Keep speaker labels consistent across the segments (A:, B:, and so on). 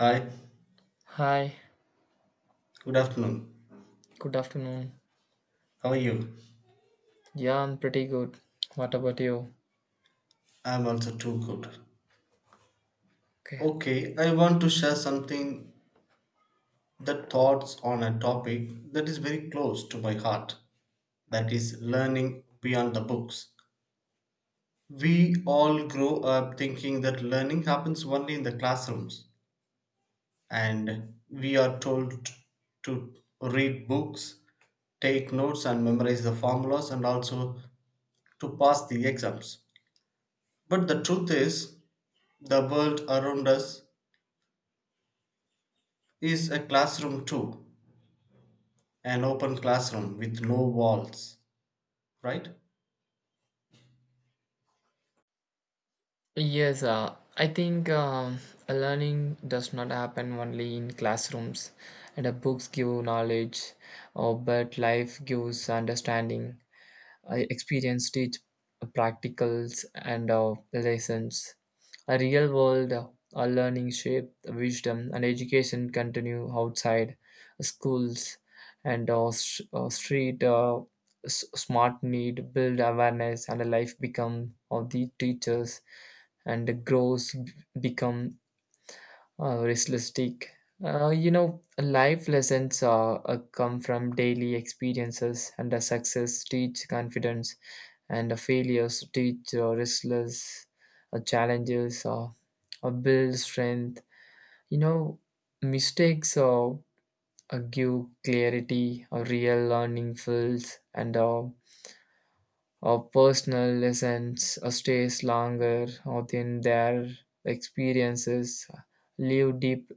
A: Hi,
B: Hi,
A: good afternoon.
B: good afternoon.
A: How are you?
B: Yeah, I'm pretty good. What about you?
A: I'm also too good.
B: Okay.
A: Okay, I want to share something, that thoughts on a topic that is very close to my heart, that is learning beyond the books. We all grow up thinking that learning happens only in the classrooms, and we are told to read books, take notes and memorize the formulas, and also to pass the exams. But the truth is, the world around us is a classroom too, an open classroom with no walls, right?
B: Yes, I think learning does not happen only in classrooms. And the books give knowledge, or but life gives understanding. I experienced teach practicals and lessons. A real world a learning shape wisdom and education continue outside schools and street s- smart need build awareness and a life become of the teachers and the grows become realistic. You know, life lessons come from daily experiences, and the success teach confidence and failures teach restless challenges build strength, you know, mistakes give clarity real learning fills and personal lessons stays longer than their experiences leave deep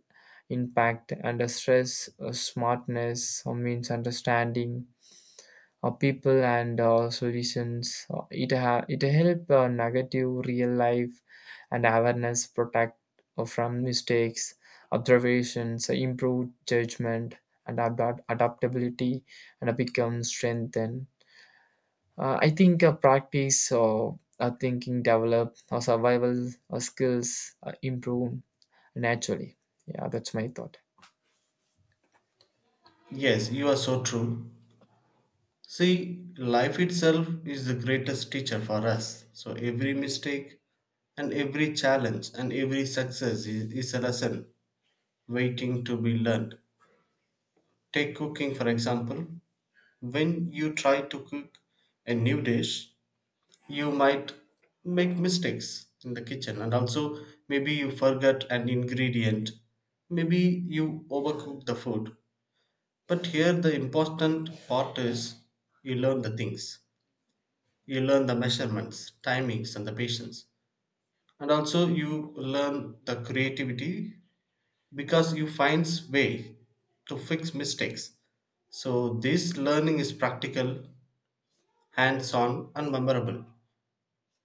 B: impact and stress smartness means understanding people and solutions. It help negative real life and awareness protect from mistakes, observations, improve judgment and adaptability, and become strengthened. I think practice or thinking develop or survival skills improve naturally. Yeah, that's my thought.
A: Yes, you are so true. See, life itself is the greatest teacher for us. So every mistake and every challenge and every success is a lesson waiting to be learned. Take cooking for example. When you try to cook a new dish, you might make mistakes in the kitchen, and also maybe you forget an ingredient, maybe you overcook the food. But here the important part is, you learn the things, you learn the measurements, timings and the patience, and also you learn the creativity, because you finds way to fix mistakes. So this learning is practical, hands on and memorable.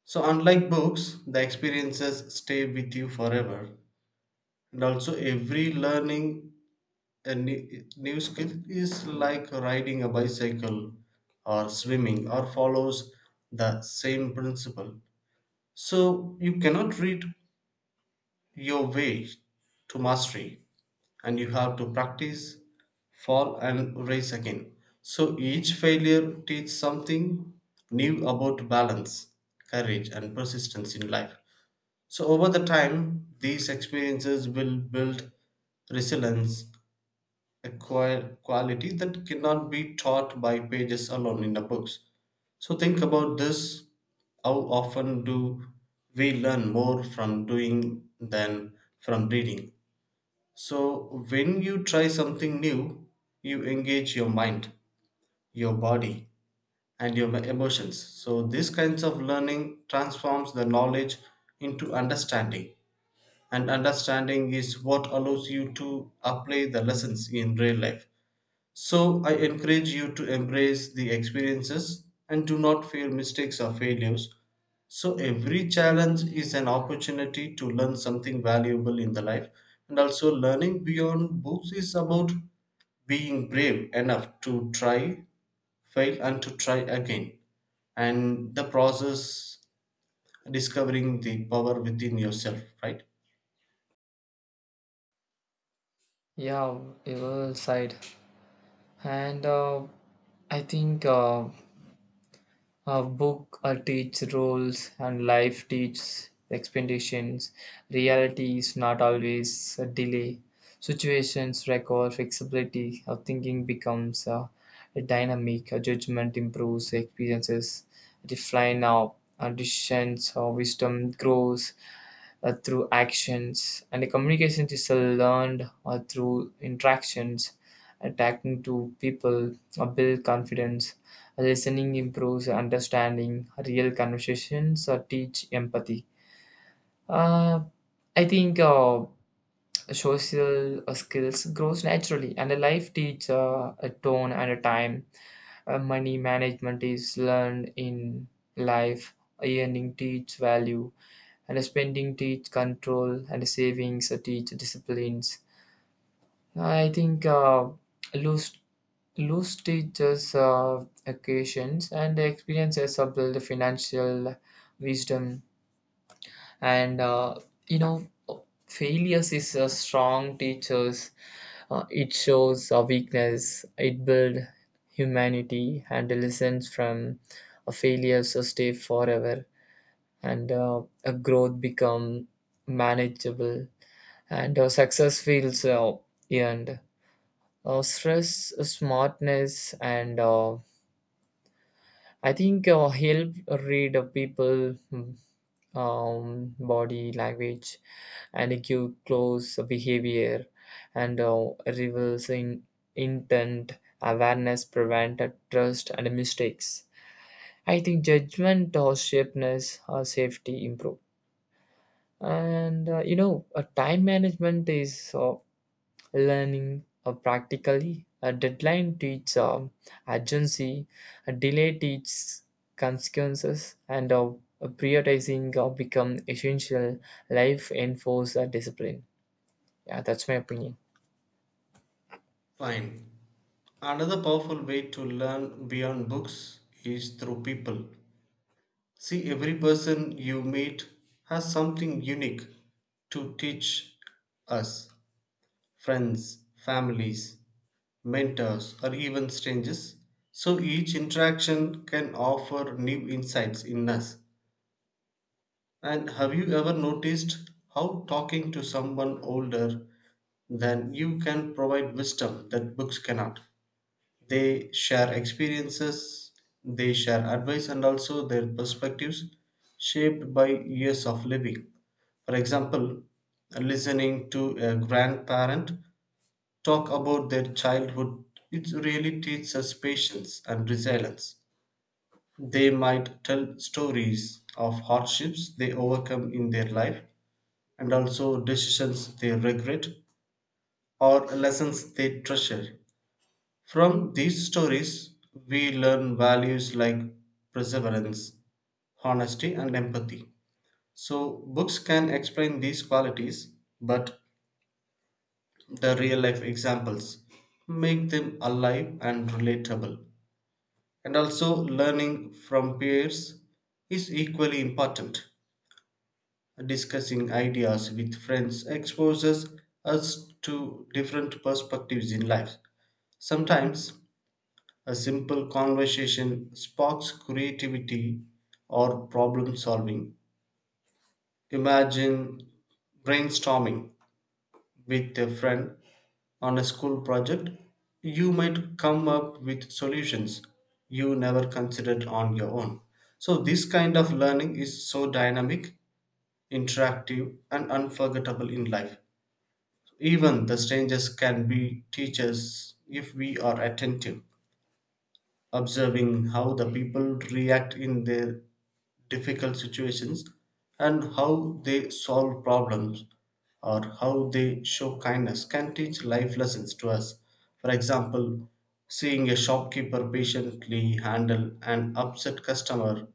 A: So, unlike books, the experiences stay with you forever. And also, every learning a new skill is like riding a bicycle or swimming or follows the same principle. So, you cannot read your way to mastery, and you have to practice, fall, and rise again. So, each failure teaches something new about balance, courage, and persistence in life. So over the time, these experiences will build resilience, a quality that cannot be taught by pages alone in the books. So think about this. How often do we learn more from doing than from reading? So when you try something new, you engage your mind, your body, and your emotions. So these kinds of learning transforms the knowledge into understanding, and understanding is what allows you to apply the lessons in real life. So, I encourage you to embrace the experiences and do not fear mistakes or failures. So, every challenge is an opportunity to learn something valuable in the life, and also learning beyond books is about being brave enough to try, fail, and to try again, and the process discovering the power within yourself, right?
B: Yeah, well side, and I think. A book teach roles and life teaches expectations. Reality is not always a delay. Situations require flexibility. Our thinking becomes dynamic. Our judgment improves. Experiences refine our decisions. Our wisdom grows through actions. And the communication is learned through interactions. Attacking to people build confidence. Listening improves understanding. Real conversations teach empathy. Uh, I think social skills grows naturally, and a life teach a tone and a time. Money management is learned in life. Earning teach value, and spending teach control, and savings teach disciplines. I think loose loose teaches occasions and experiences of the financial wisdom and you know failures is a strong teachers. It shows a weakness, it builds humanity and the lessons from a failure so stay forever and a growth become manageable and success feels earned. Stress smartness and I think help read a people, body language and give close behavior and reversing intent awareness prevented trust and mistakes. I think judgment or shapeness or safety improve and you know time management is learning practically. A deadline teaches urgency, a delay teaches consequences, and prioritizing become essential. Life enforce discipline. Yeah, that's my opinion.
A: Fine. Another powerful way to learn beyond books is through people. See, every person you meet has something unique to teach us, friends, families, mentors, or even strangers. So each interaction can offer new insights in us. And have you ever noticed how talking to someone older than you can provide wisdom that books cannot? They share experiences, they share advice, and also their perspectives shaped by years of living. For example, listening to a grandparent talk about their childhood, it really teaches us patience and resilience. They might tell stories of hardships they overcome in their life, and also decisions they regret or lessons they treasure. From these stories, we learn values like perseverance, honesty, and empathy. So, books can explain these qualities, but the real life examples make them alive and relatable. And also, learning from peers is equally important. Discussing ideas with friends exposes us to different perspectives in life. Sometimes a simple conversation sparks creativity or problem solving. Imagine brainstorming with a friend on a school project. You might come up with solutions you never considered on your own. So, this kind of learning is so dynamic, interactive, and unforgettable in life. Even the strangers can be teachers if we are attentive. Observing how the people react in their difficult situations, and how they solve problems, or how they show kindness can teach life lessons to us. For example, seeing a shopkeeper patiently handle an upset customer,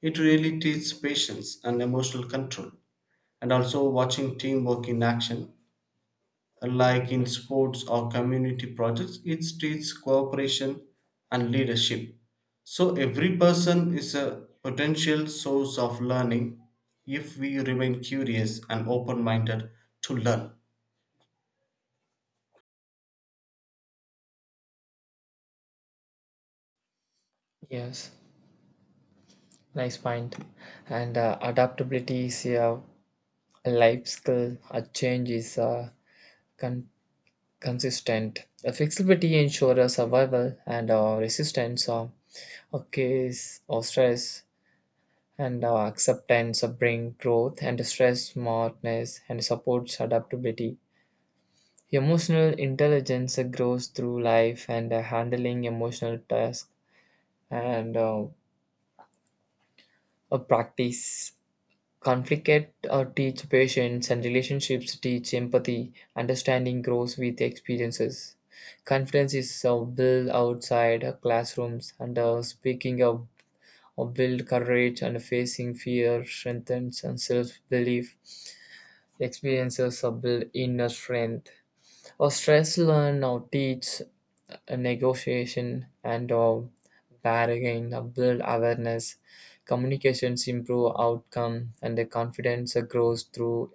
A: it really teaches patience and emotional control. And also watching teamwork in action, like in sports or community projects, it teaches cooperation and leadership. So every person is a potential source of learning if we remain curious and open minded to learn.
B: Yes, nice point. And adaptability is a life skill. A change is con- consistent. A flexibility ensures survival and resistance of case or stress and acceptance of brain growth and stress smartness and supports adaptability. Emotional intelligence grows through life and handling emotional tasks and a practice. Conflict teach patience and relationships teach empathy. Understanding grows with experiences. Confidence is built outside classrooms and speaking of build courage and facing fear strengthens and self-belief experiences of build inner strength. Or stress learn or teach a negotiation and or bargain or build awareness. Communications improve outcome and the confidence grows through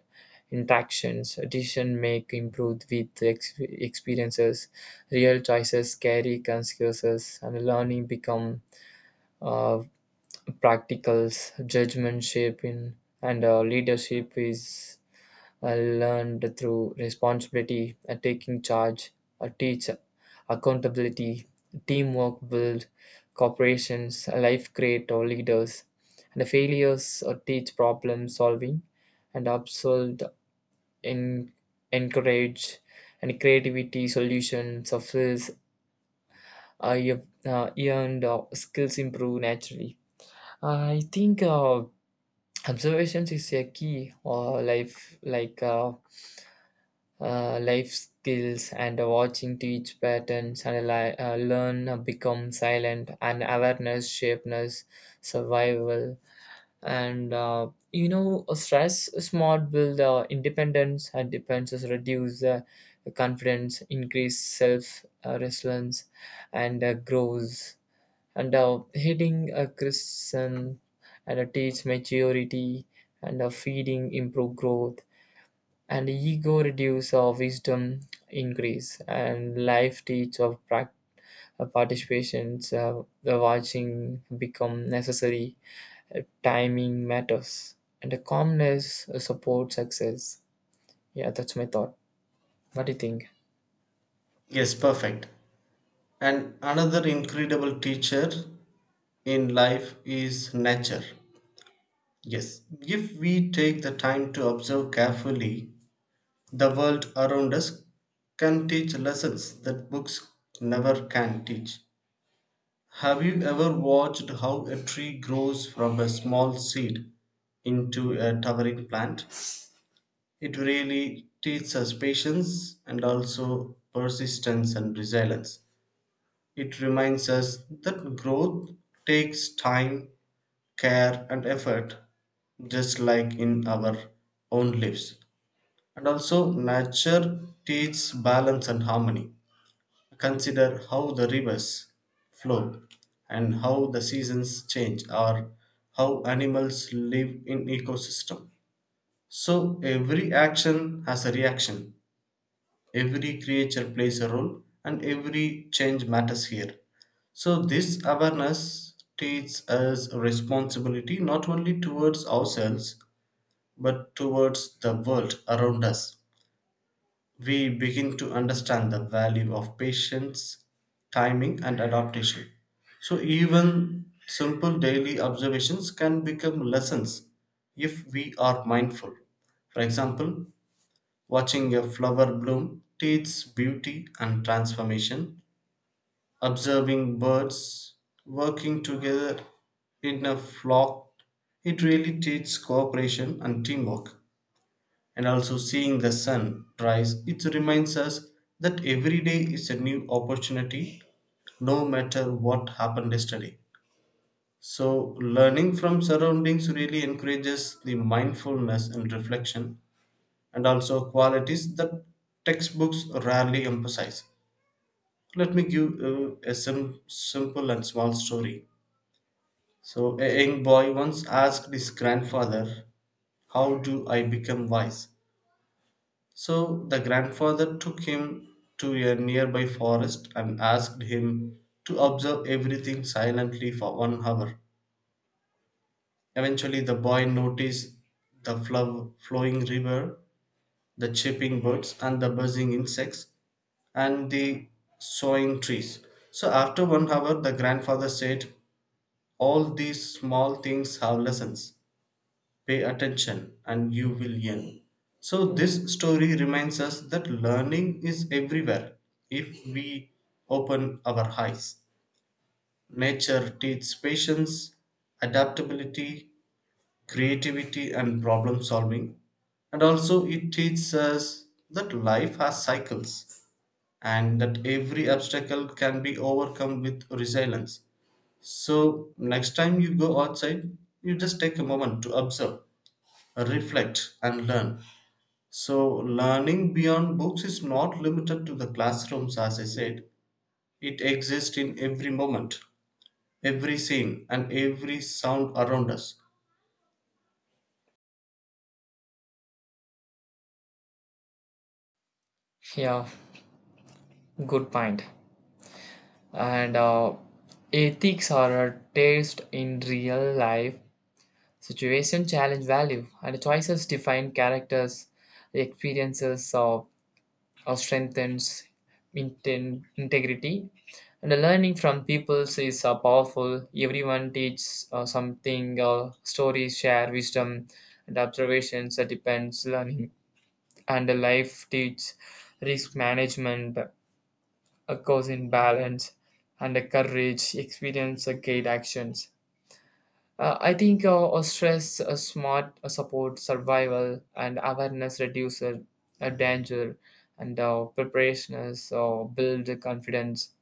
B: interactions. Decision make improved with experiences. Real choices carry consequences and learning become uh, practicals. Judgment shape in and leadership is I learned through responsibility, taking charge, teach accountability, teamwork build, corporations, life create or leaders. And the failures teach problem solving and absolved in encourage and creativity solution, success. This. I have earned skills improve naturally. I think observations is a key or life like life skills and watching teach patterns and learn become silent and awareness shapeness survival and you know stress smart build independence and depends reduce confidence increase self resilience and grows and hitting a christian and teach maturity and feeding improve growth and ego reduce or wisdom increase and life teach of participations the watching become necessary, timing matters and the calmness supports success. Yeah, that's my thought. What do you think?
A: Yes, perfect. And another incredible teacher in life is nature. Yes, if we take the time to observe carefully, the world around us can teach lessons that books never can teach. Have you ever watched how a tree grows from a small seed into a towering plant? It really teaches us patience and also persistence and resilience. It reminds us that growth takes time, care, and effort, just like in our own lives. And also, nature teaches balance and harmony. Consider how the rivers flow, and how the seasons change, or how animals live in ecosystem. So every action has a reaction, every creature plays a role, and every change matters here. So this awareness teaches us responsibility, not only towards ourselves but towards the world around us. We begin to understand the value of patience, timing, and adaptation. So, even simple daily observations can become lessons if we are mindful. For example, watching a flower bloom teaches beauty and transformation, observing birds working together in a flock, it really teaches cooperation and teamwork, and also seeing the sun rise, it reminds us that every day is a new opportunity, no matter what happened yesterday. So, learning from surroundings really encourages the mindfulness and reflection, and also qualities that textbooks rarely emphasize. Let me give a simple and small story. So, a young boy once asked his grandfather, how do I become wise? So the grandfather took him to a nearby forest and asked him to observe everything silently for 1 hour. Eventually, the boy noticed the flowing river, the chirping birds, and the buzzing insects, and the swaying trees. So, after 1 hour, the grandfather said, all these small things have lessons. Pay attention and you will learn. So, this story reminds us that learning is everywhere if we open our eyes. Nature teaches patience, adaptability, creativity, and problem solving. And also, it teaches us that life has cycles, and that every obstacle can be overcome with resilience. So, next time you go outside, you just take a moment to observe, reflect and learn. So learning beyond books is not limited to the classrooms, as I said, it exists in every moment, every scene and every sound around us.
B: Yeah, good point. And ethics are a taste in real life situation challenge value and choices define characters experiences of strengthens integrity. And the learning from peoples is powerful. Everyone teaches something, stories share wisdom and observations that depends learning. And the life teaches risk management, a cause in balance, and the courage, experience, guide actions. I think a stress, a smart a support, survival, and awareness reduces a danger, and preparedness build confidence.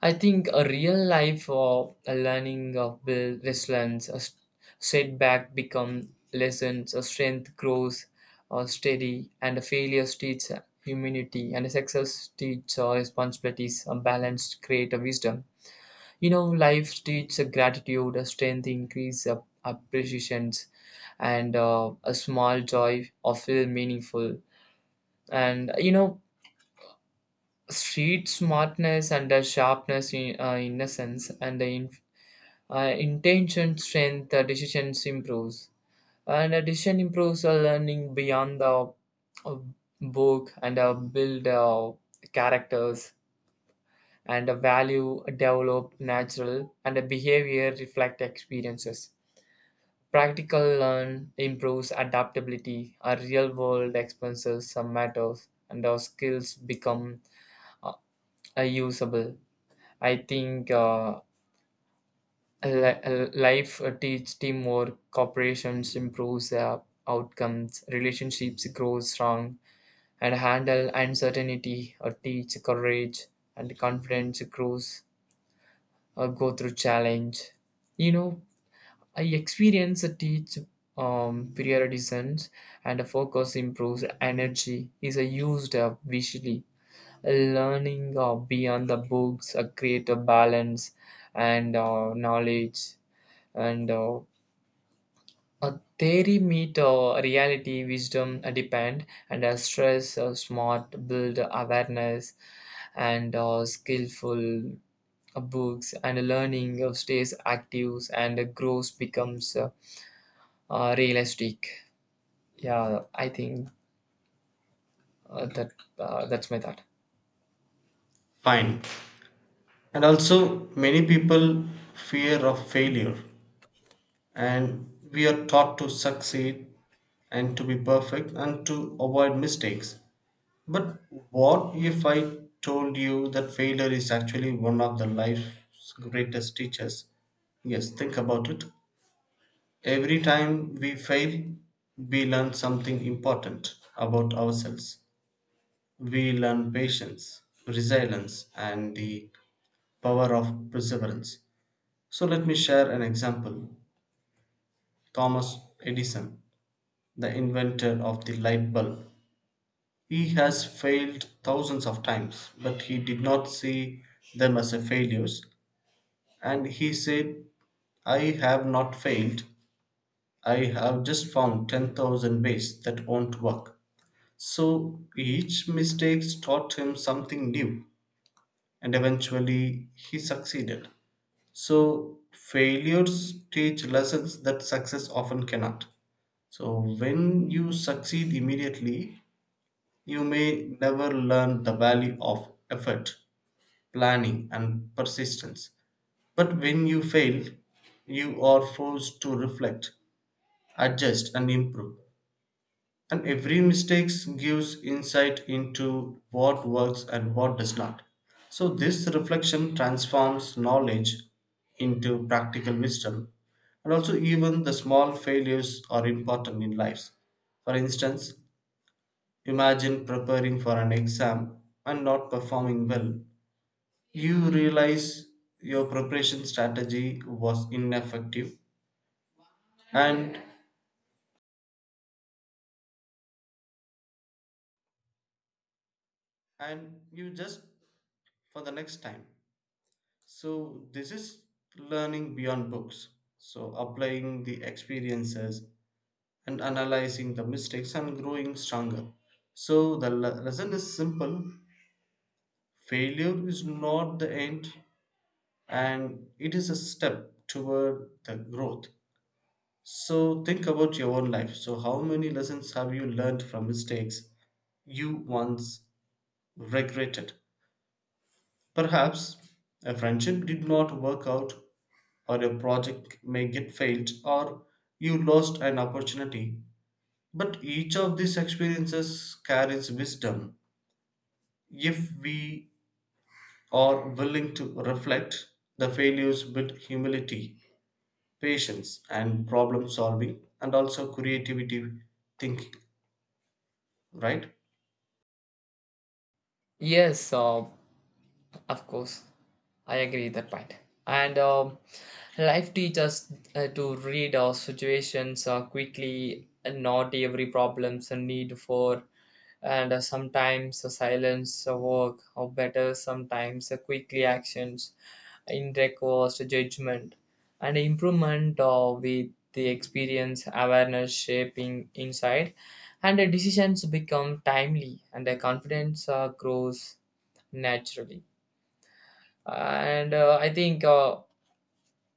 B: I think a real life learning build resilience, setback become lessons, a strength grows steady, and a failures teach humanity, and a success teach responsibilities, a balance create a wisdom. You know, life teaches a gratitude, a strength, increase a appreciations, and a small joy of feel meaningful. And you know, street smartness and the sharpness in innocence and the intention strength, the decisions improves. And a decision improves a learning beyond the uh, book and build characters and a value develop natural and a behavior reflect experiences. Practical learn improves adaptability, our real world experiences some matters, and our skills become uh, usable. I think life teach teamwork, corporations improves outcomes, relationships grow strong, and handle uncertainty or teach courage and confidence grows go through challenge. You know, I experience a teach periodization and a focus improves energy is a used visually. Learning beyond the books create a balance and knowledge and a theory meet reality wisdom depend and stress smart build awareness and skillful books and learning stays active and grows becomes realistic. Yeah, I think uh, that that's my thought.
A: Fine. And also many people fear of failure, and we are taught to succeed and to be perfect and to avoid mistakes. But what if I told you that failure is actually one of the life's greatest teachers? Yes, think about it. Every time we fail, we learn something important about ourselves. We learn patience, resilience, and the power of perseverance. So, let me share an example. Thomas Edison, the inventor of the light bulb, he has failed thousands of times, but he did not see them as a failures, and he said, I have not failed, I have just found 10,000 ways that won't work. So each mistake taught him something new, and eventually he succeeded. So failures teach lessons that success often cannot. So when you succeed immediately, you may never learn the value of effort, planning, and persistence. But when you fail, you are forced to reflect, adjust, and improve. And every mistake gives insight into what works and what does not. So, this reflection transforms knowledge into practical wisdom. And also, even the small failures are important in life. For instance, imagine preparing for an exam and not performing well, you realize your preparation strategy was ineffective, and and you just for the next time. So this is learning beyond books, so applying the experiences and analyzing the mistakes and growing stronger. So the lesson is simple, failure is not the end, and it is a step toward the growth. So think about your own life. So, how many lessons have you learned from mistakes you once regretted? Perhaps a friendship did not work out, or a project may get failed, or you lost an opportunity. But each of these experiences carries wisdom. If we are willing to reflect, the failures build humility, patience, and problem solving, and also creativity thinking, right?
B: Yes, of course, I agree with that point. And life teaches to read our situations quickly. And not every problems a need for, and sometimes a silence, a work, or better sometimes a quickly actions in recourse judgment and improvement with the experience awareness shaping insight and the decisions become timely and the confidence grows naturally and I think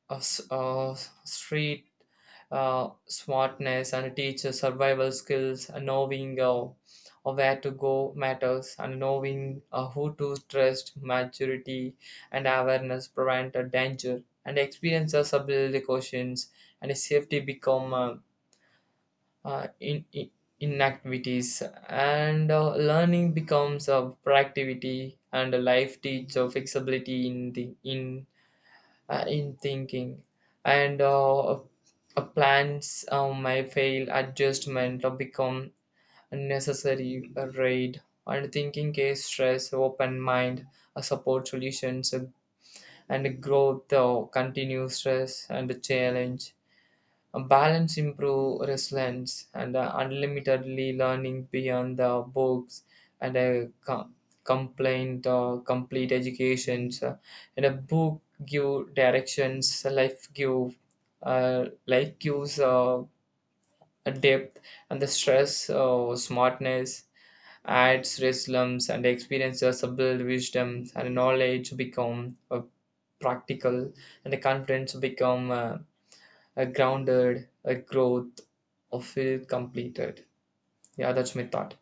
B: uh, s- uh, street smartness and teacher survival skills and knowing where to go matters and knowing who to trust maturity and awareness prevent a danger and experiences as ability questions and safety become in inactivities and learning becomes a proactivity and life teach of flexibility in the in thinking and plans may fail adjustment or become unnecessary raid and thinking case stress open mind support solutions and growth continue stress and challenge a balance improve resilience and unlimitedly learning beyond the books and a complaint or complete educations and a book give directions, life give life gives a depth and the stress smartness adds resilience and experiences build wisdom and knowledge become practical and the confidence become a grounded, a growth, or feel completed. Yeah, that's my thought.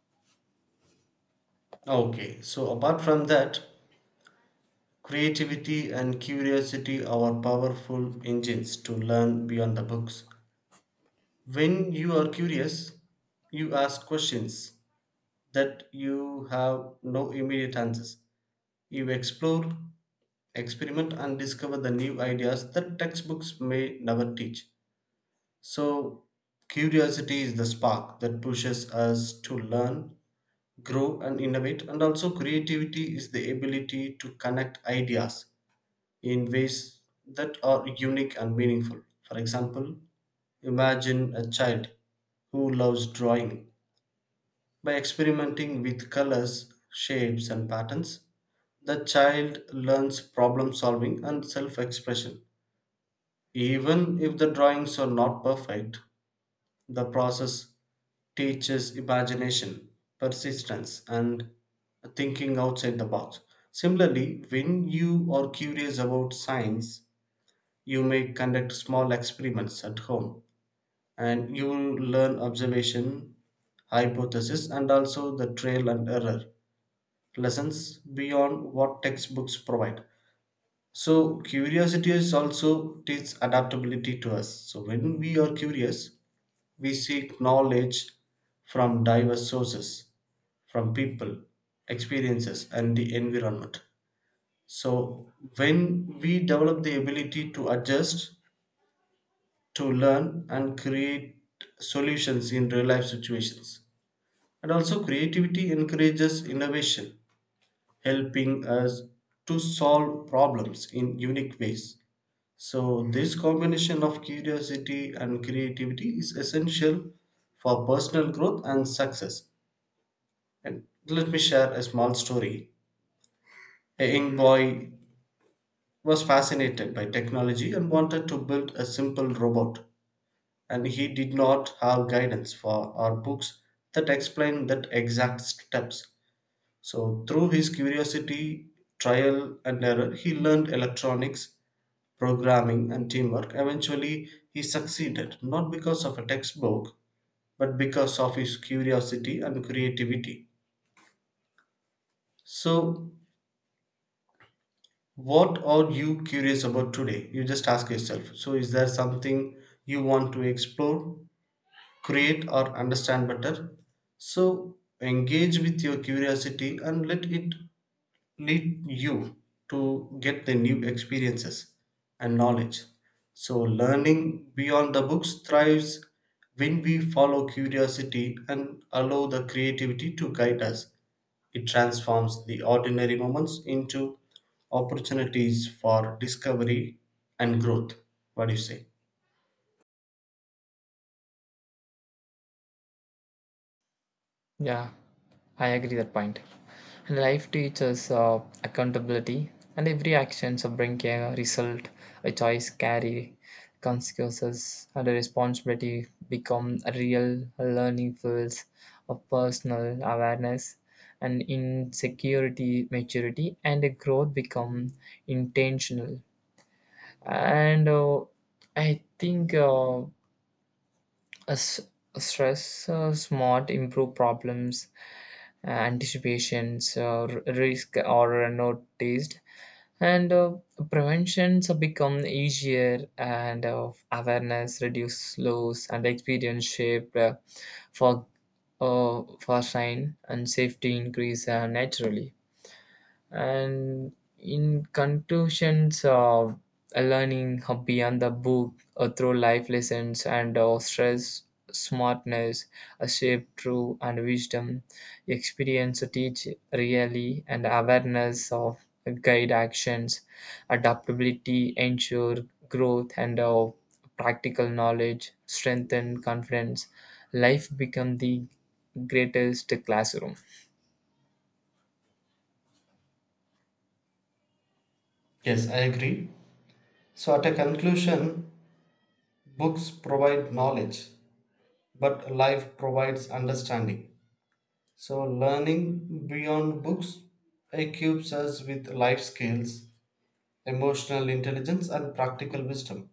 A: Okay, so apart from that, creativity and curiosity are powerful engines to learn beyond the books. When you are curious, you ask questions that you have no immediate answers. You explore, experiment, and discover the new ideas that textbooks may never teach. So, curiosity is the spark that pushes us to learn, grow, and innovate, and also creativity is the ability to connect ideas in ways that are unique and meaningful. For example, imagine a child who loves drawing. By experimenting with colors, shapes, and patterns, the child learns problem solving and self expression. Even if the drawings are not perfect, the process teaches imagination, persistence, and thinking outside the box. Similarly, when you are curious about science, you may conduct small experiments at home and you will learn observation, hypothesis, and also the trail and error lessons beyond what textbooks provide. So, curiosity is also teaches adaptability to us. So, when we are curious, we seek knowledge from diverse sources, from people, experiences, and the environment. So, when we develop the ability to adjust to learn and create solutions in real life situations. And also, creativity encourages innovation, helping us to solve problems in unique ways. So, this combination of curiosity and creativity is essential for personal growth and success. And let me share a small story. A young boy was fascinated by technology and wanted to build a simple robot, and he did not have guidance for or books that explain that exact steps. So through his curiosity, trial and error, he learned electronics, programming and teamwork. Eventually he succeeded not because of a textbook, but because of his curiosity and creativity. So what are you curious about today? You just ask yourself, so is there something you want to explore, create or understand better? So engage with your curiosity and let it lead you to get the new experiences and knowledge. So learning beyond the books thrives when we follow curiosity and allow the creativity to guide us. It transforms the ordinary moments into opportunities for discovery and growth. What do you say?
B: Yeah, I agree that point. And life teaches accountability, and every action so bring a result, a choice carry consequences, and a responsibility become a real learning fields of personal awareness, and insecurity, maturity, and a growth become intentional. And I think. A s- a stress smart improve problems anticipations or risk or noticed and preventions become easier and awareness reduce loss and experience shape for for sign and safety increase naturally and in conclusions, learning beyond the book through life lessons and stress, smartness, a shape, true and wisdom, experience teach really, and awareness of guide actions, adaptability ensure growth and practical knowledge strengthen confidence. Life become the greatest classroom.
A: Yes, I agree. So, at a conclusion, books provide knowledge, but life provides understanding. So, learning beyond books equips us with life skills, emotional intelligence, and practical wisdom.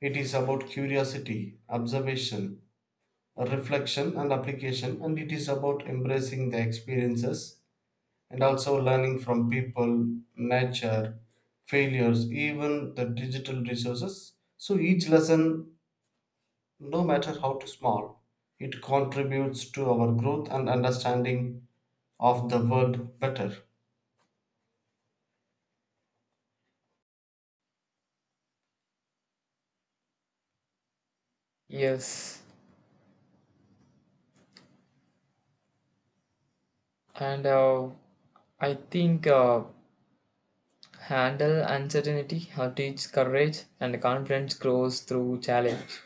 A: It is about curiosity, observation, reflection, and application, and it is about embracing the experiences and also learning from people, nature, failures, even the digital resources. So, each lesson, no matter how small, it contributes to our growth and understanding of the world better.
B: Yes. And I think handle uncertainty or teach courage and confidence grows through challenge.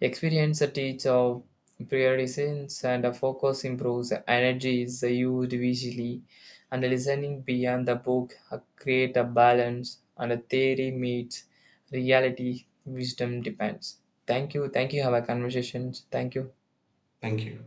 B: Experience teach of priorities and a focus improves. Energy is used visually and listening beyond the book create a balance and a theory meets reality. Wisdom depends. Thank you. Thank you. Have a conversation. Thank you.
A: Thank you.